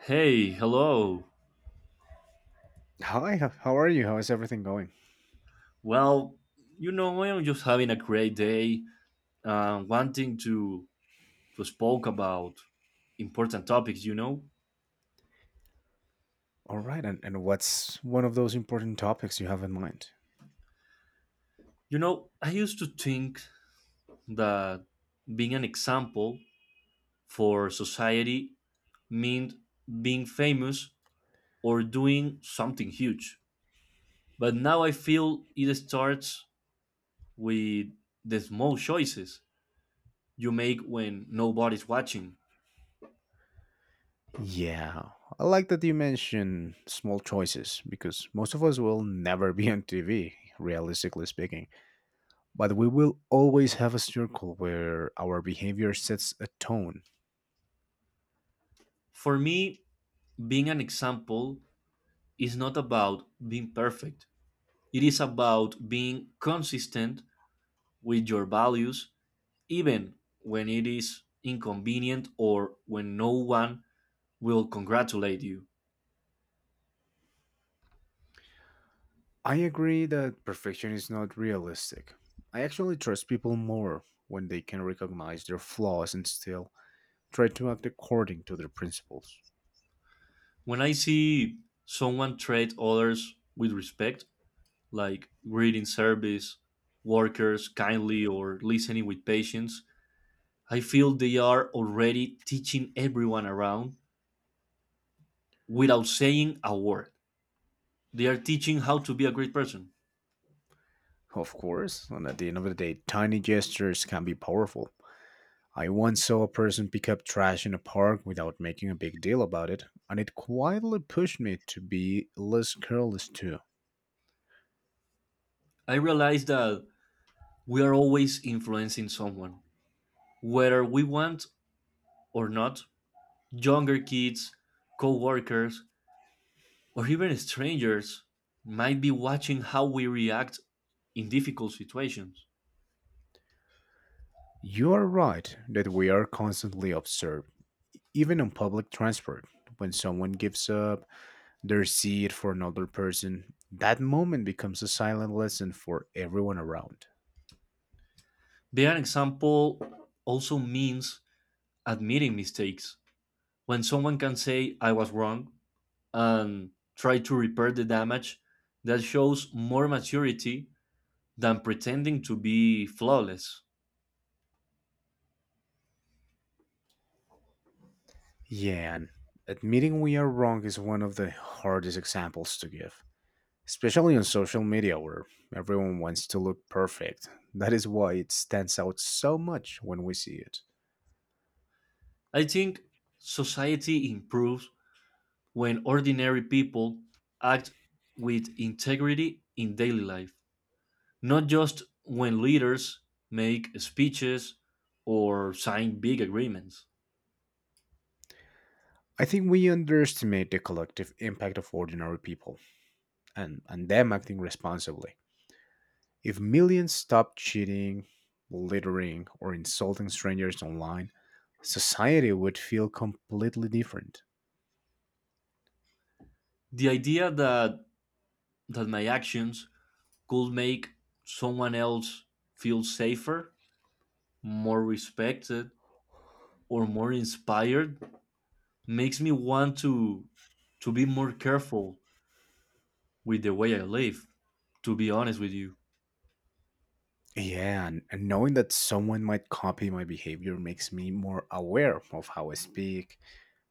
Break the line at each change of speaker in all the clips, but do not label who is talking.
Hey, hello.
Hi, how are you? How is everything going?
Well, you know, I'm just having a great day, wanting to spoke about important topics.
All right, and what's one of those important topics you have in mind?
I used to think that being an example for society meant being famous or doing something huge. But now I feel it starts with the small choices you make when nobody's watching.
Yeah, I like that you mention small choices because most of us will never be on TV, realistically speaking. But we will always have a circle where our behavior sets a tone.
For me, being an example is not about being perfect. It is about being consistent with your values, even when it is inconvenient or when no one will congratulate you.
I agree that perfection is not realistic. I actually trust people more when they can recognize their flaws and still try to act according to their principles.
When I see someone treat others with respect, like greeting service, workers kindly, or listening with patience, I feel they are already teaching everyone around without saying a word. They are teaching how to be a great person.
Of course, and at the end of the day, tiny gestures can be powerful. I once saw a person pick up trash in a park without making a big deal about it, and it quietly pushed me to be less careless too.
I realize that we are always influencing someone, whether we want or not. Younger kids, co workers, or even strangers might be watching how we react in difficult situations.
You are right that we are constantly observed, even on public transport. When someone gives up their seat for another person, that moment becomes a silent lesson for everyone around.
Being an example also means admitting mistakes. When someone can say, I was wrong, and try to repair the damage, that shows more maturity than pretending to be flawless.
Yeah, and admitting we are wrong is one of the hardest examples to give, especially on social media where everyone wants to look perfect. That is why it stands out so much when we see it.
I think society improves when ordinary people act with integrity in daily life, not just when leaders make speeches or sign big agreements.
I think we underestimate the collective impact of ordinary people and them acting responsibly. If millions stopped cheating, littering, or insulting strangers online, society would feel completely different.
The idea that my actions could make someone else feel safer, more respected, or more inspired makes me want to be more careful with the way I live, to be honest with you.
Yeah, and knowing that someone might copy my behavior makes me more aware of how I speak,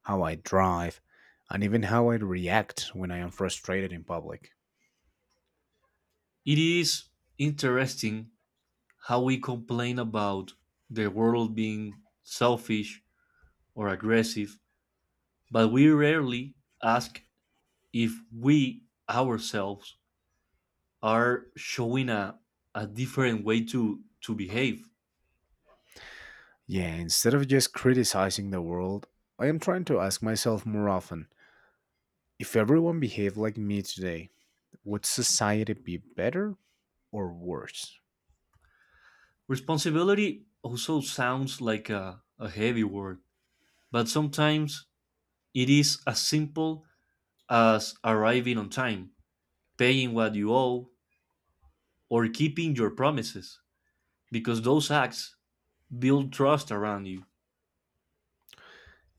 how I drive, and even how I react when I am frustrated in public.
It is interesting how we complain about the world being selfish or aggressive, but we rarely ask if we ourselves are showing a different way to behave.
Yeah, instead of just criticizing the world, I am trying to ask myself more often if everyone behaved like me today, would society be better or worse?
Responsibility also sounds like a heavy word, but sometimes it is as simple as arriving on time, paying what you owe, or keeping your promises, because those acts build trust around you.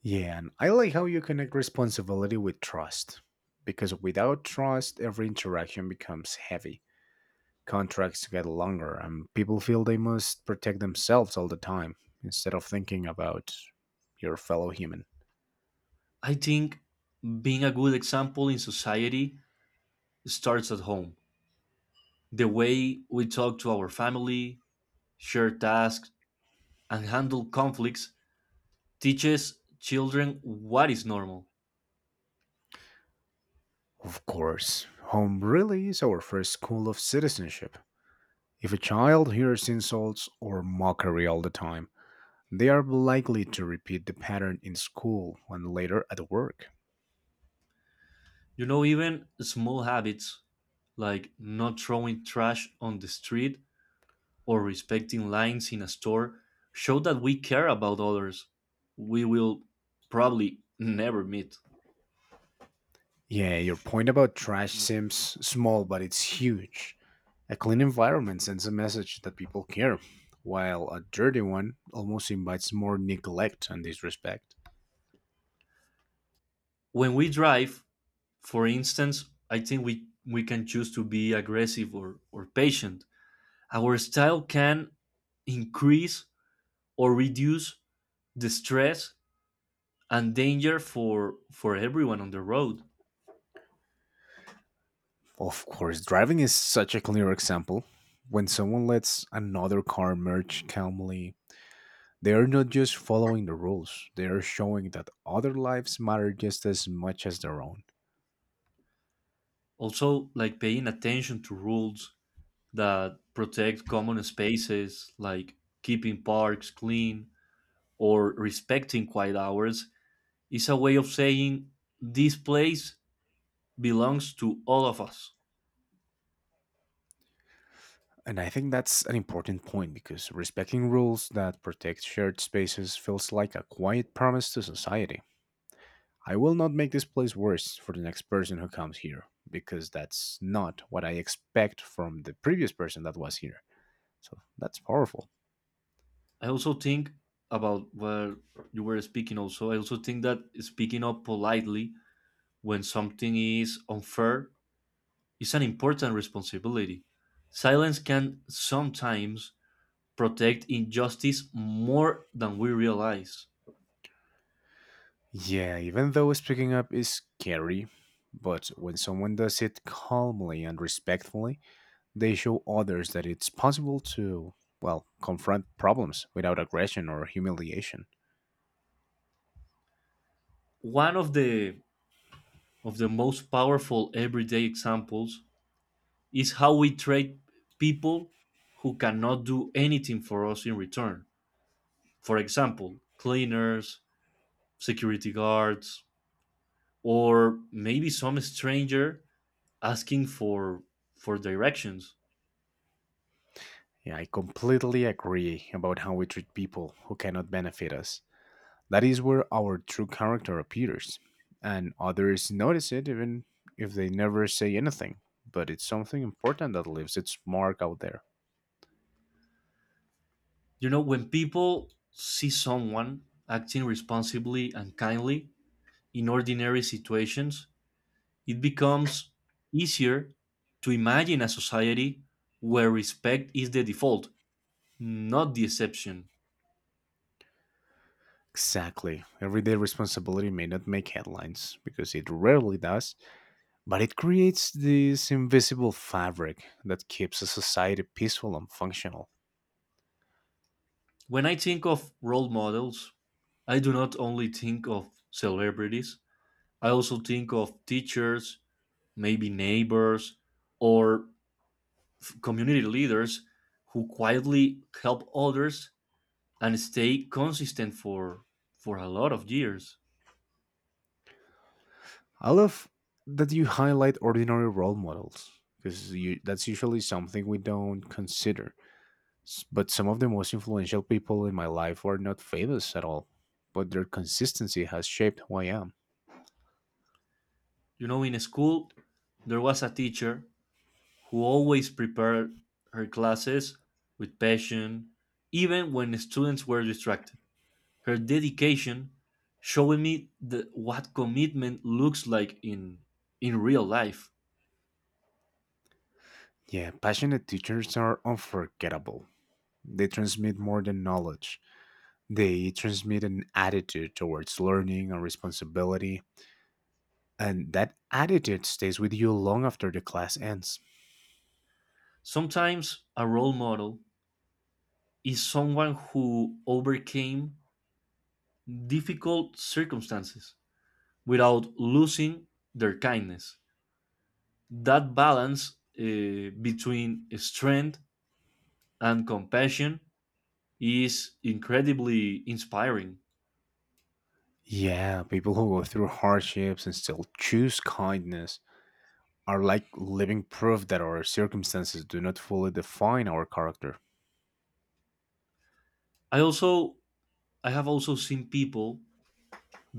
Yeah, and I like how you connect responsibility with trust, because without trust, every interaction becomes heavy contracts get longer and people feel they must protect themselves all the time instead of thinking about your fellow human.
I think being a good example in society starts at home. The way we talk to our family, share tasks, and handle conflicts teaches children what is normal.
Of course, home really is our first school of citizenship. If a child hears insults or mockery all the time, they are likely to repeat the pattern in school and later at work.
You know, even small habits like not throwing trash on the street or respecting lines in a store show that we care about others. We will probably never meet.
Yeah, your point about trash seems small, but it's huge. A clean environment sends a message that people care, while a dirty one almost invites more neglect and disrespect.
When we drive, for instance, I think we can choose to be aggressive or patient. Our style can increase or reduce the stress and danger for everyone on the road.
Of course, driving is such a clear example. When someone lets another car merge calmly, they are not just following the rules, they are showing that other lives matter just as much as their own.
Also, like paying attention to rules that protect common spaces, like keeping parks clean or respecting quiet hours, is a way of saying this place belongs to all of us.
And I think that's an important point because respecting rules that protect shared spaces feels like a quiet promise to society. I will not make this place worse for the next person who comes here because that's not what I expect from the previous person that was here. So that's powerful.
I also think about where you were speaking also. I also think that speaking up politely when something is unfair is an important responsibility. Silence can sometimes protect injustice more than we realize.
Yeah, even though speaking up is scary, but when someone does it calmly and respectfully, they show others that it's possible to, well, confront problems without aggression or humiliation.
One of the most powerful everyday examples is how we treat people who cannot do anything for us in return. For example, cleaners, security guards, or maybe some stranger asking for directions.
Yeah, I completely agree about how we treat people who cannot benefit us. That is where our true character appears. And others notice it even if they never say anything. But it's something important that leaves its mark out there.
You know, when people see someone acting responsibly and kindly in ordinary situations, it becomes easier to imagine a society where respect is the default, not the exception.
Exactly. Everyday responsibility may not make headlines, because it rarely does, but it creates this invisible fabric that keeps a society peaceful and functional.
When I think of role models, I do not only think of celebrities, I also think of teachers, maybe neighbors, or community leaders who quietly help others and stay consistent for a lot of years.
I love that you highlight ordinary role models because that's usually something we don't consider. But some of the most influential people in my life were not famous at all, but their consistency has shaped who I am.
You know, in school there was a teacher who always prepared her classes with passion, even when the students were distracted. Her dedication showing me the, what commitment looks like in real life.
Yeah, passionate teachers are unforgettable. They transmit more than knowledge. They transmit an attitude towards learning and responsibility, and that attitude stays with you long after the class ends.
Sometimes a role model is someone who overcame difficult circumstances without losing their kindness. That balance between strength and compassion is incredibly inspiring.
Yeah, people who go through hardships and still choose kindness are like living proof that our circumstances do not fully define our character.
I also i have also seen people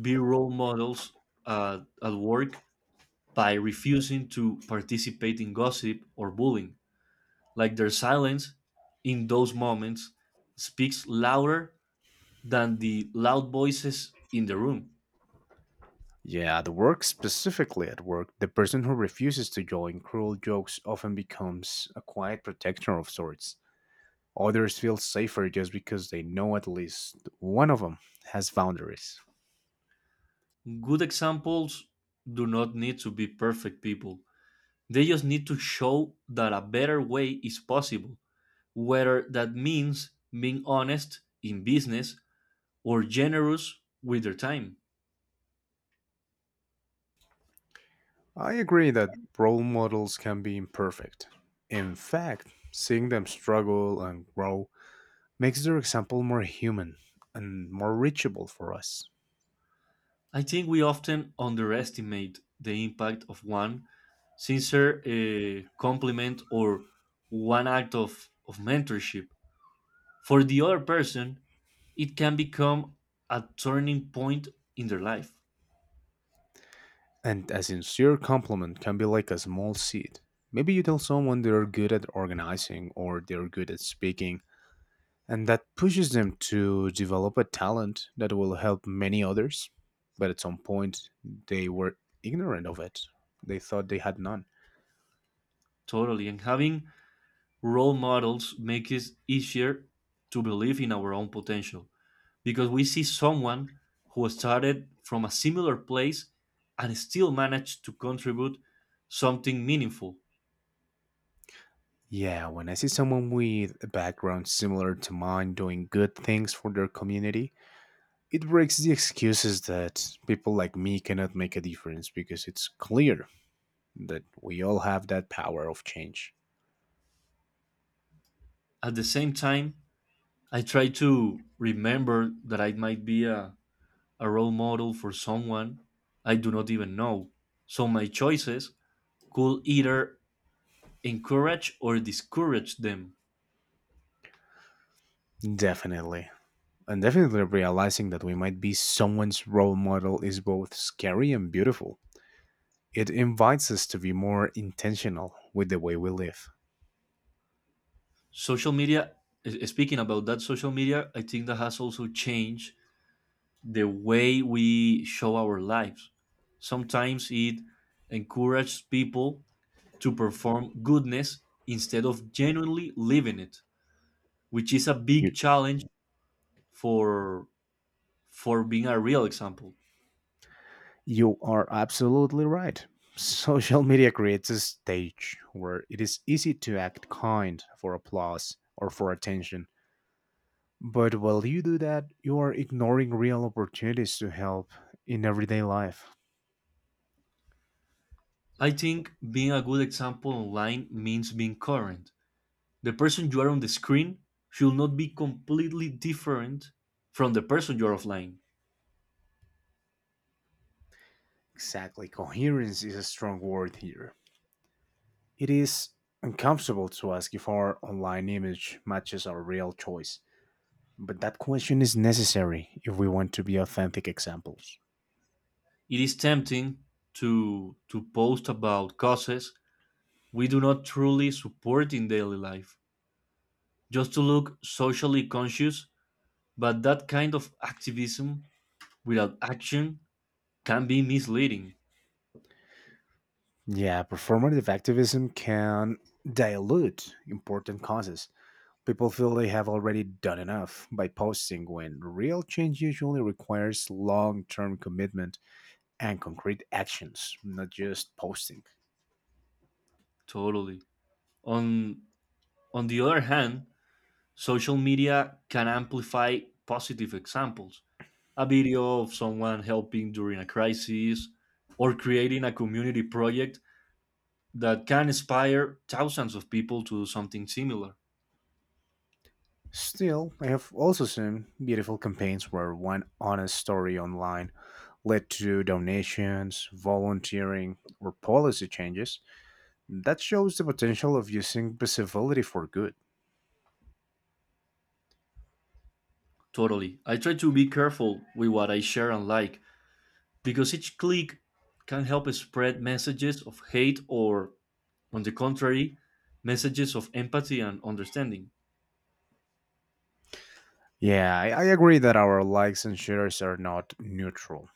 be role models at work by refusing to participate in gossip or bullying, like their silence in those moments speaks louder than the loud voices in the room.
Yeah, at work, specifically at work, the person who refuses to join cruel jokes often becomes a quiet protector of sorts. Others feel safer just because they know at least one of them has boundaries.
Good examples do not need to be perfect people. They just need to show that a better way is possible, whether that means being honest in business or generous with their time.
I agree that role models can be imperfect. In fact, seeing them struggle and grow makes their example more human and more reachable for us.
I think we often underestimate the impact of one sincere compliment or one act of mentorship. For the other person, it can become a turning point in their life.
And a sincere compliment can be like a small seed. Maybe you tell someone they're good at organizing or they're good at speaking, and that pushes them to develop a talent that will help many others. But at some point, they were ignorant of it. They thought they had none.
Totally. And having role models make it easier to believe in our own potential because we see someone who started from a similar place and still managed to contribute something meaningful.
Yeah, when I see someone with a background similar to mine doing good things for their community, it breaks the excuses that people like me cannot make a difference because it's clear that we all have that power of change.
At the same time, I try to remember that I might be a role model for someone I do not even know. So my choices could either encourage or discourage them.
Definitely. And definitely realizing that we might be someone's role model is both scary and beautiful. It invites us to be more intentional with the way we live.
Social media, speaking about that social media, I think that has also changed the way we show our lives. Sometimes it encourages people to perform goodness instead of genuinely living it, which is a big
You,
challenge for being a real example.
you are absolutely right. Social media creates a stage where it is easy to act kind for applause or for attention, but while you do that, you are ignoring real opportunities to help in everyday life.
I think being a good example online means being current. The person you are on the screen should not be completely different from the person you're offline.
Exactly. Coherence is a strong word here. It is uncomfortable to ask if our online image matches our real choice, but that question is necessary if we want to be authentic examples.
It is tempting to post about causes we do not truly support in daily life, just to look socially conscious, but that kind of activism without action can be misleading.
Yeah, performative activism can dilute important causes. People feel they have already done enough by posting when real change usually requires long term commitment and concrete actions, not just posting.
Totally. On on the other hand, social media can amplify positive examples, a video of someone helping during a crisis, or creating a community project that can inspire thousands of people to do something similar.
Still, I have also seen beautiful campaigns where one honest story online led to donations, volunteering, or policy changes. That shows the potential of using visibility for good.
Totally. I try to be careful with what I share and like because each click can help spread messages of hate or, on the contrary, messages of empathy and understanding.
Yeah, I agree that our likes and shares are not neutral.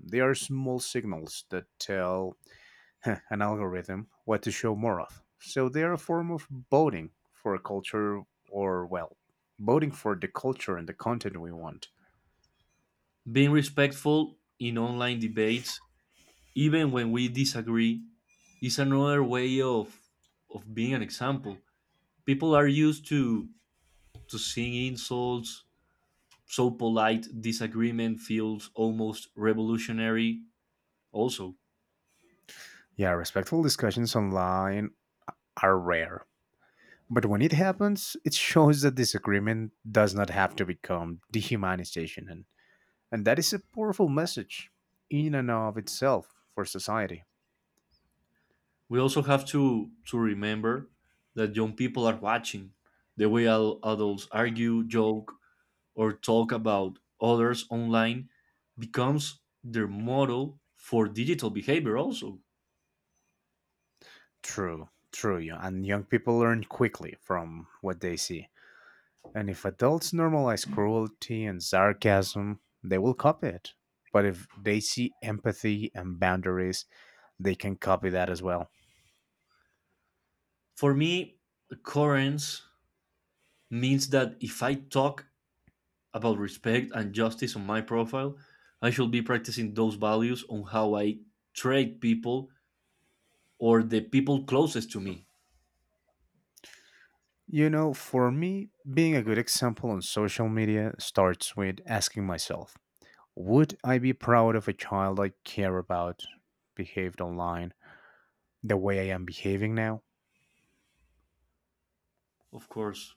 They are small signals that tell an algorithm what to show more of. So they're a form of voting for a culture or, well, voting for the culture and the content we want.
Being respectful in online debates, even when we disagree, is another way of being an example. People are used to seeing insults, so polite disagreement feels almost revolutionary also.
Yeah, respectful discussions online are rare. But when it happens, it shows that disagreement does not have to become dehumanization. And that is a powerful message in and of itself for society.
We also have to remember that young people are watching the way adults argue, joke, or talk about others online becomes their model for digital behavior also.
True, true. Yeah, and young people learn quickly from what they see. And if adults normalize cruelty and sarcasm, they will copy it. But if they see empathy and boundaries, they can copy that as well.
For me, currents means that if I talk about respect and justice on my profile, I should be practicing those values on how I treat people or the people closest to me,
You know, for me, being a good example on social media starts with asking myself, would I be proud of a child I care about behaved online the way I am behaving now?
of course.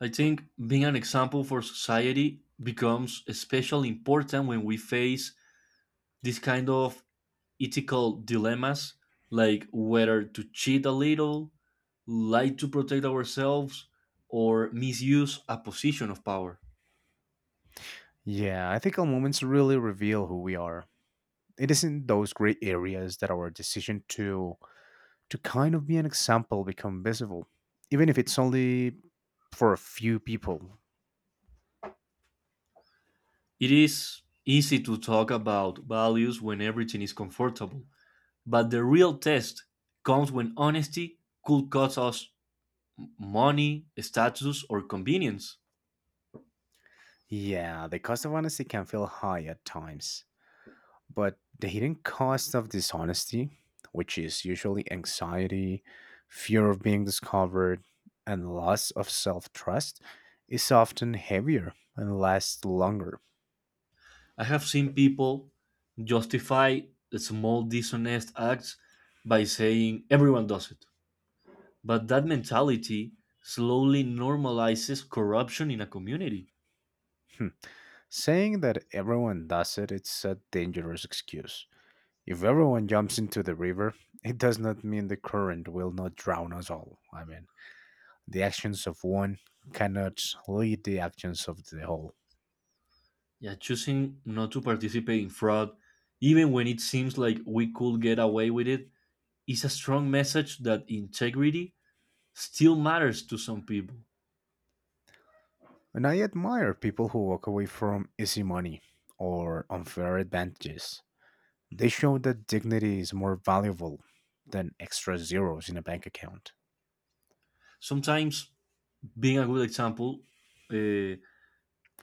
I think being an example for society becomes especially important when we face this kind of ethical dilemmas, like whether to cheat a little, lie to protect ourselves, or misuse a position of power.
Yeah, I think our moments really reveal who we are. It is in those gray areas that our decision to kind of be an example, become visible, even if it's only for a few people.
It is easy to talk about values when everything is comfortable, but the real test comes when honesty could cost us money, status, or convenience.
Yeah, the cost of honesty can feel high at times, but the hidden cost of dishonesty, which is usually anxiety, fear of being discovered, and loss of self trust, is often heavier and lasts longer.
I have seen people justify small dishonest acts by saying everyone does it. But that mentality slowly normalizes corruption in a community.
Hmm. Saying that everyone does it, it's a dangerous excuse. If everyone jumps into the river, it does not mean the current will not drown us all. I mean, the actions of one cannot lead the actions of the whole.
Yeah, choosing not to participate in fraud, even when it seems like we could get away with it, is a strong message that integrity still matters to some people.
And I admire people who walk away from easy money or unfair advantages. They show that dignity is more valuable than extra zeros in a bank account.
Sometimes being a good example, uh,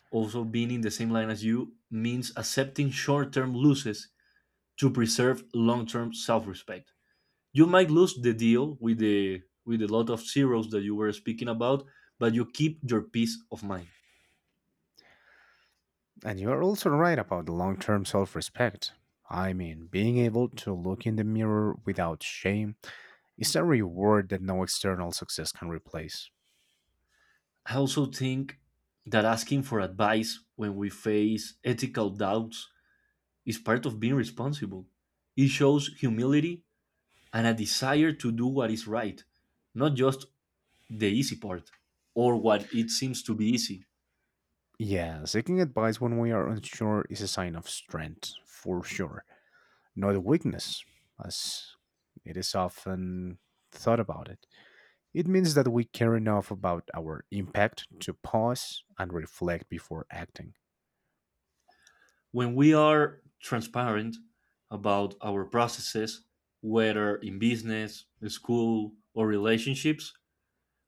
also being in the same line as you, means accepting short term losses to preserve long term self respect. You might lose the deal with the with a lot of zeros that you were speaking about, but you keep your peace of mind.
And you are also right about the long term self respect. I mean, being able to look in the mirror without shame is a reward that no external success can replace.
I also think that asking for advice when we face ethical doubts is part of being responsible. It shows humility and a desire to do what is right, not just the easy part or what it seems to be easy.
Yeah, seeking advice when we are unsure is a sign of strength, for sure, not a weakness, as it is often thought about it. It means that we care enough about our impact to pause and reflect before acting.
When we are transparent about our processes, whether in business, school, or relationships,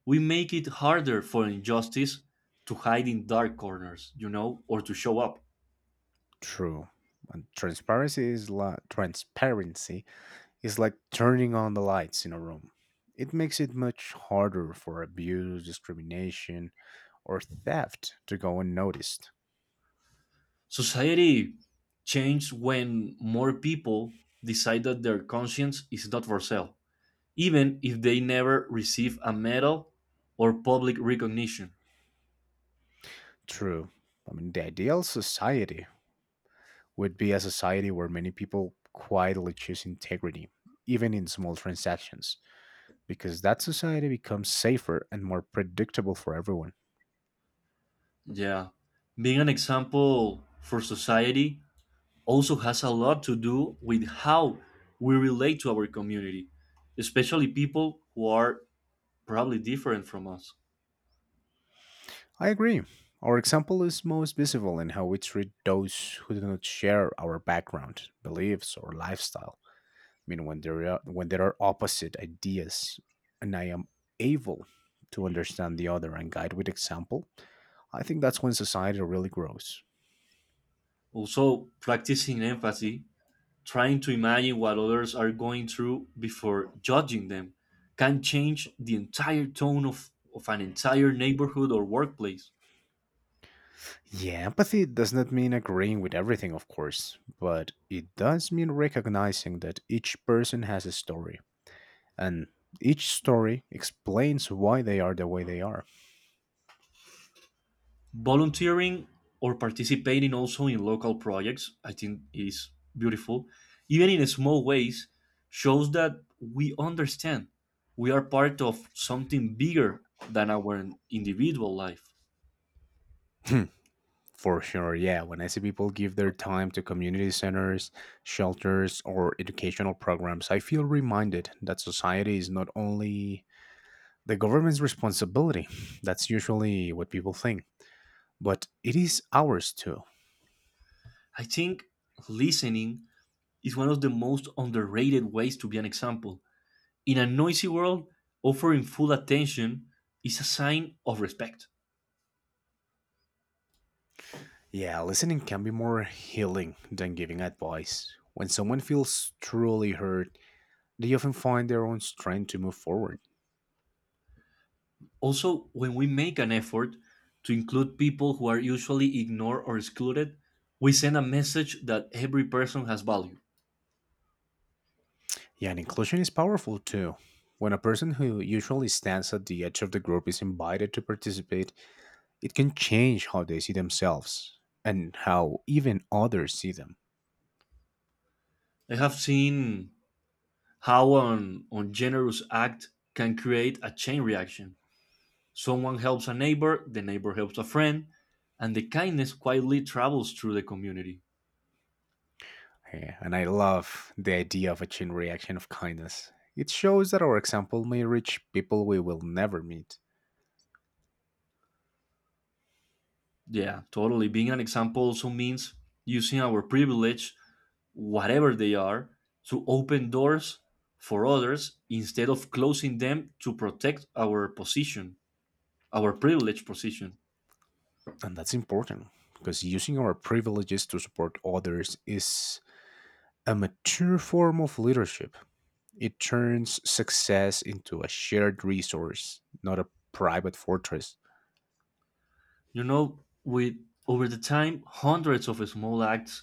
we make it harder for injustice to hide in dark corners, you know, or to show up.
True. And transparency is like, transparency is like turning on the lights in a room. It makes it much harder for abuse, discrimination, or theft to go unnoticed.
Society changed when more people decide that their conscience is not for sale, even if they never receive a medal or public recognition.
True. I mean, the ideal society would be a society where many people quietly choose integrity, even in small transactions, because that society becomes safer and more predictable for everyone.
Yeah, being an example for society also has a lot to do with how we relate to our community, especially people who are probably different from us.
I agree. Our example is most visible in how we treat those who do not share our background, beliefs, or lifestyle. I mean, when there are opposite ideas, and I am able to understand the other and guide with example, I think that's when society really grows.
Also, practicing empathy, trying to imagine what others are going through before judging them, can change the entire tone of an entire neighborhood or workplace.
Yeah, empathy does not mean agreeing with everything, of course, but it does mean recognizing that each person has a story, and each story explains why they are the way they are.
Volunteering or participating also in local projects, I think, is beautiful. Even in small ways, shows that we understand we are part of something bigger than our individual life.
Hmm, for sure, yeah. When I see people give their time to community centers, shelters, or educational programs, I feel reminded that society is not only the government's responsibility. That's usually what people think, but it is ours too.
I think listening is one of the most underrated ways to be an example. In a noisy world, offering full attention is a sign of respect.
Yeah, listening can be more healing than giving advice. When someone feels truly heard, they often find their own strength to move forward.
Also, when we make an effort to include people who are usually ignored or excluded, we send a message that every person has value.
Yeah, and inclusion is powerful too. When a person who usually stands at the edge of the group is invited to participate, it can change how they see themselves and how even others see them.
I have seen how an ungenerous act can create a chain reaction. Someone helps a neighbor, the neighbor helps a friend, and the kindness quietly travels through the community.
Yeah, and I love the idea of a chain reaction of kindness. It shows that our example may reach people we will never meet.
Yeah, totally. Being an example also means using our privilege, whatever they are, to open doors for others instead of closing them to protect our position, our privileged position.
And that's important because using our privileges to support others is a mature form of leadership. It turns success into a shared resource, not a private fortress.
You know, with over the time, hundreds of small acts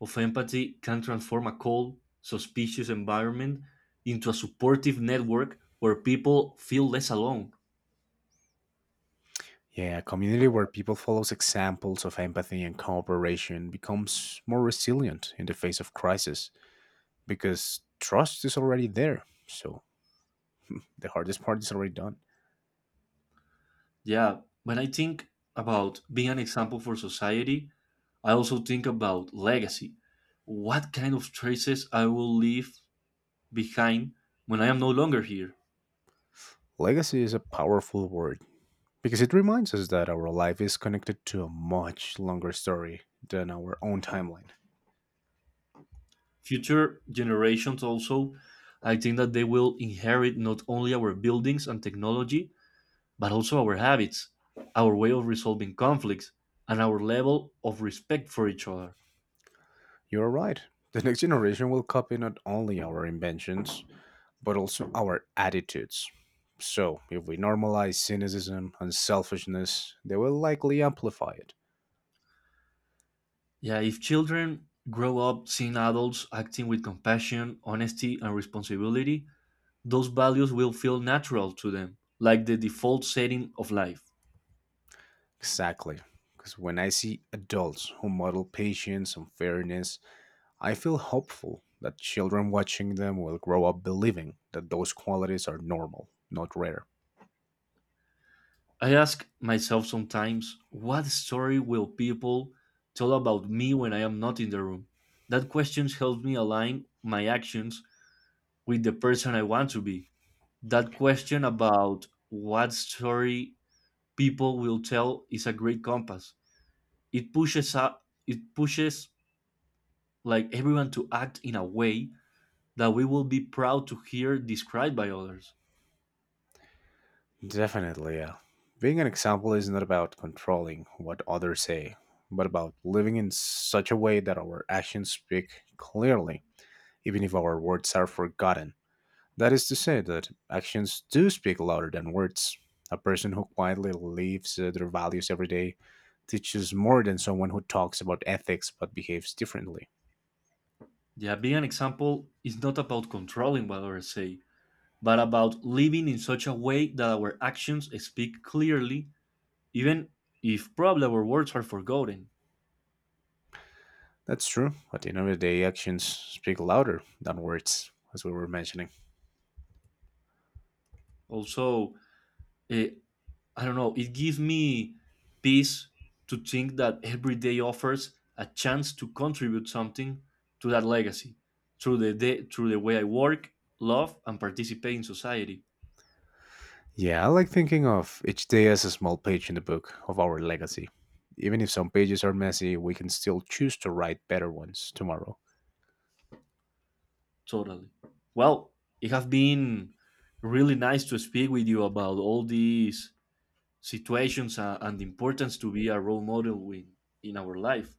of empathy can transform a cold, suspicious environment into a supportive network where people feel less alone.
Yeah, a community where people follow examples of empathy and cooperation becomes more resilient in the face of crisis because trust is already there. So the hardest part is already done.
Yeah, when I think about being an example for society, I also think about legacy. What kind of traces I will leave behind when I am no longer here.
Legacy is a powerful word because it reminds us that our life is connected to a much longer story than our own timeline.
Future generations also, I think that they will inherit not only our buildings and technology, but also our habits, our way of resolving conflicts, and our level of respect for each other.
You are right. The next generation will copy not only our inventions, but also our attitudes. So, if we normalize cynicism and selfishness, they will likely amplify it.
Yeah, if children grow up seeing adults acting with compassion, honesty, and responsibility, those values will feel natural to them, like the default setting of life.
Exactly. Because when I see adults who model patience and fairness, I feel hopeful that children watching them will grow up believing that those qualities are normal, not rare.
I ask myself sometimes, what story will people tell about me when I am not in the room? That question helps me align my actions with the person I want to be. That question about what story people will tell is a great compass. It pushes up, it pushes like everyone to act in a way that we will be proud to hear described by others.
Definitely, yeah. Being an example is not about controlling what others say, but about living in such a way that our actions speak clearly, even if our words are forgotten. That is to say, that actions do speak louder than words. A person who quietly lives their values every day teaches more than someone who talks about ethics but behaves differently.
Yeah, being an example is not about controlling what others say but about living in such a way that our actions speak clearly, even if probably our words are forgotten.
That's true. At the end of the day, actions speak louder than words, as we were mentioning.
Also, eh, I don't know, it gives me peace to think that every day offers a chance to contribute something to that legacy through the day, through the way I work, love, and participate in society.
Yeah, I like thinking of each day as a small page in the book of our legacy. Even if some pages are messy, we can still choose to write better ones tomorrow.
Totally. Well, it has been really nice to speak with you about all these situations, and the importance to be a role model in our life,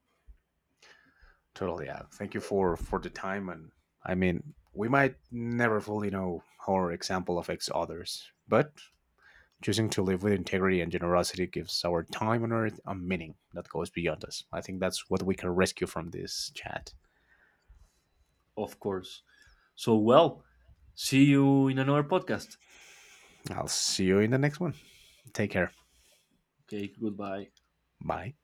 Totally, yeah. Thank you for the time, and I mean, we might never fully know how our example affects others, but choosing to live with integrity and generosity gives our time on earth a meaning that goes beyond us. I think that's what we can rescue from this chat.
of course. So, well, see you in another podcast.
I'll see you in the next one. Take care.
Okay, goodbye.
Bye.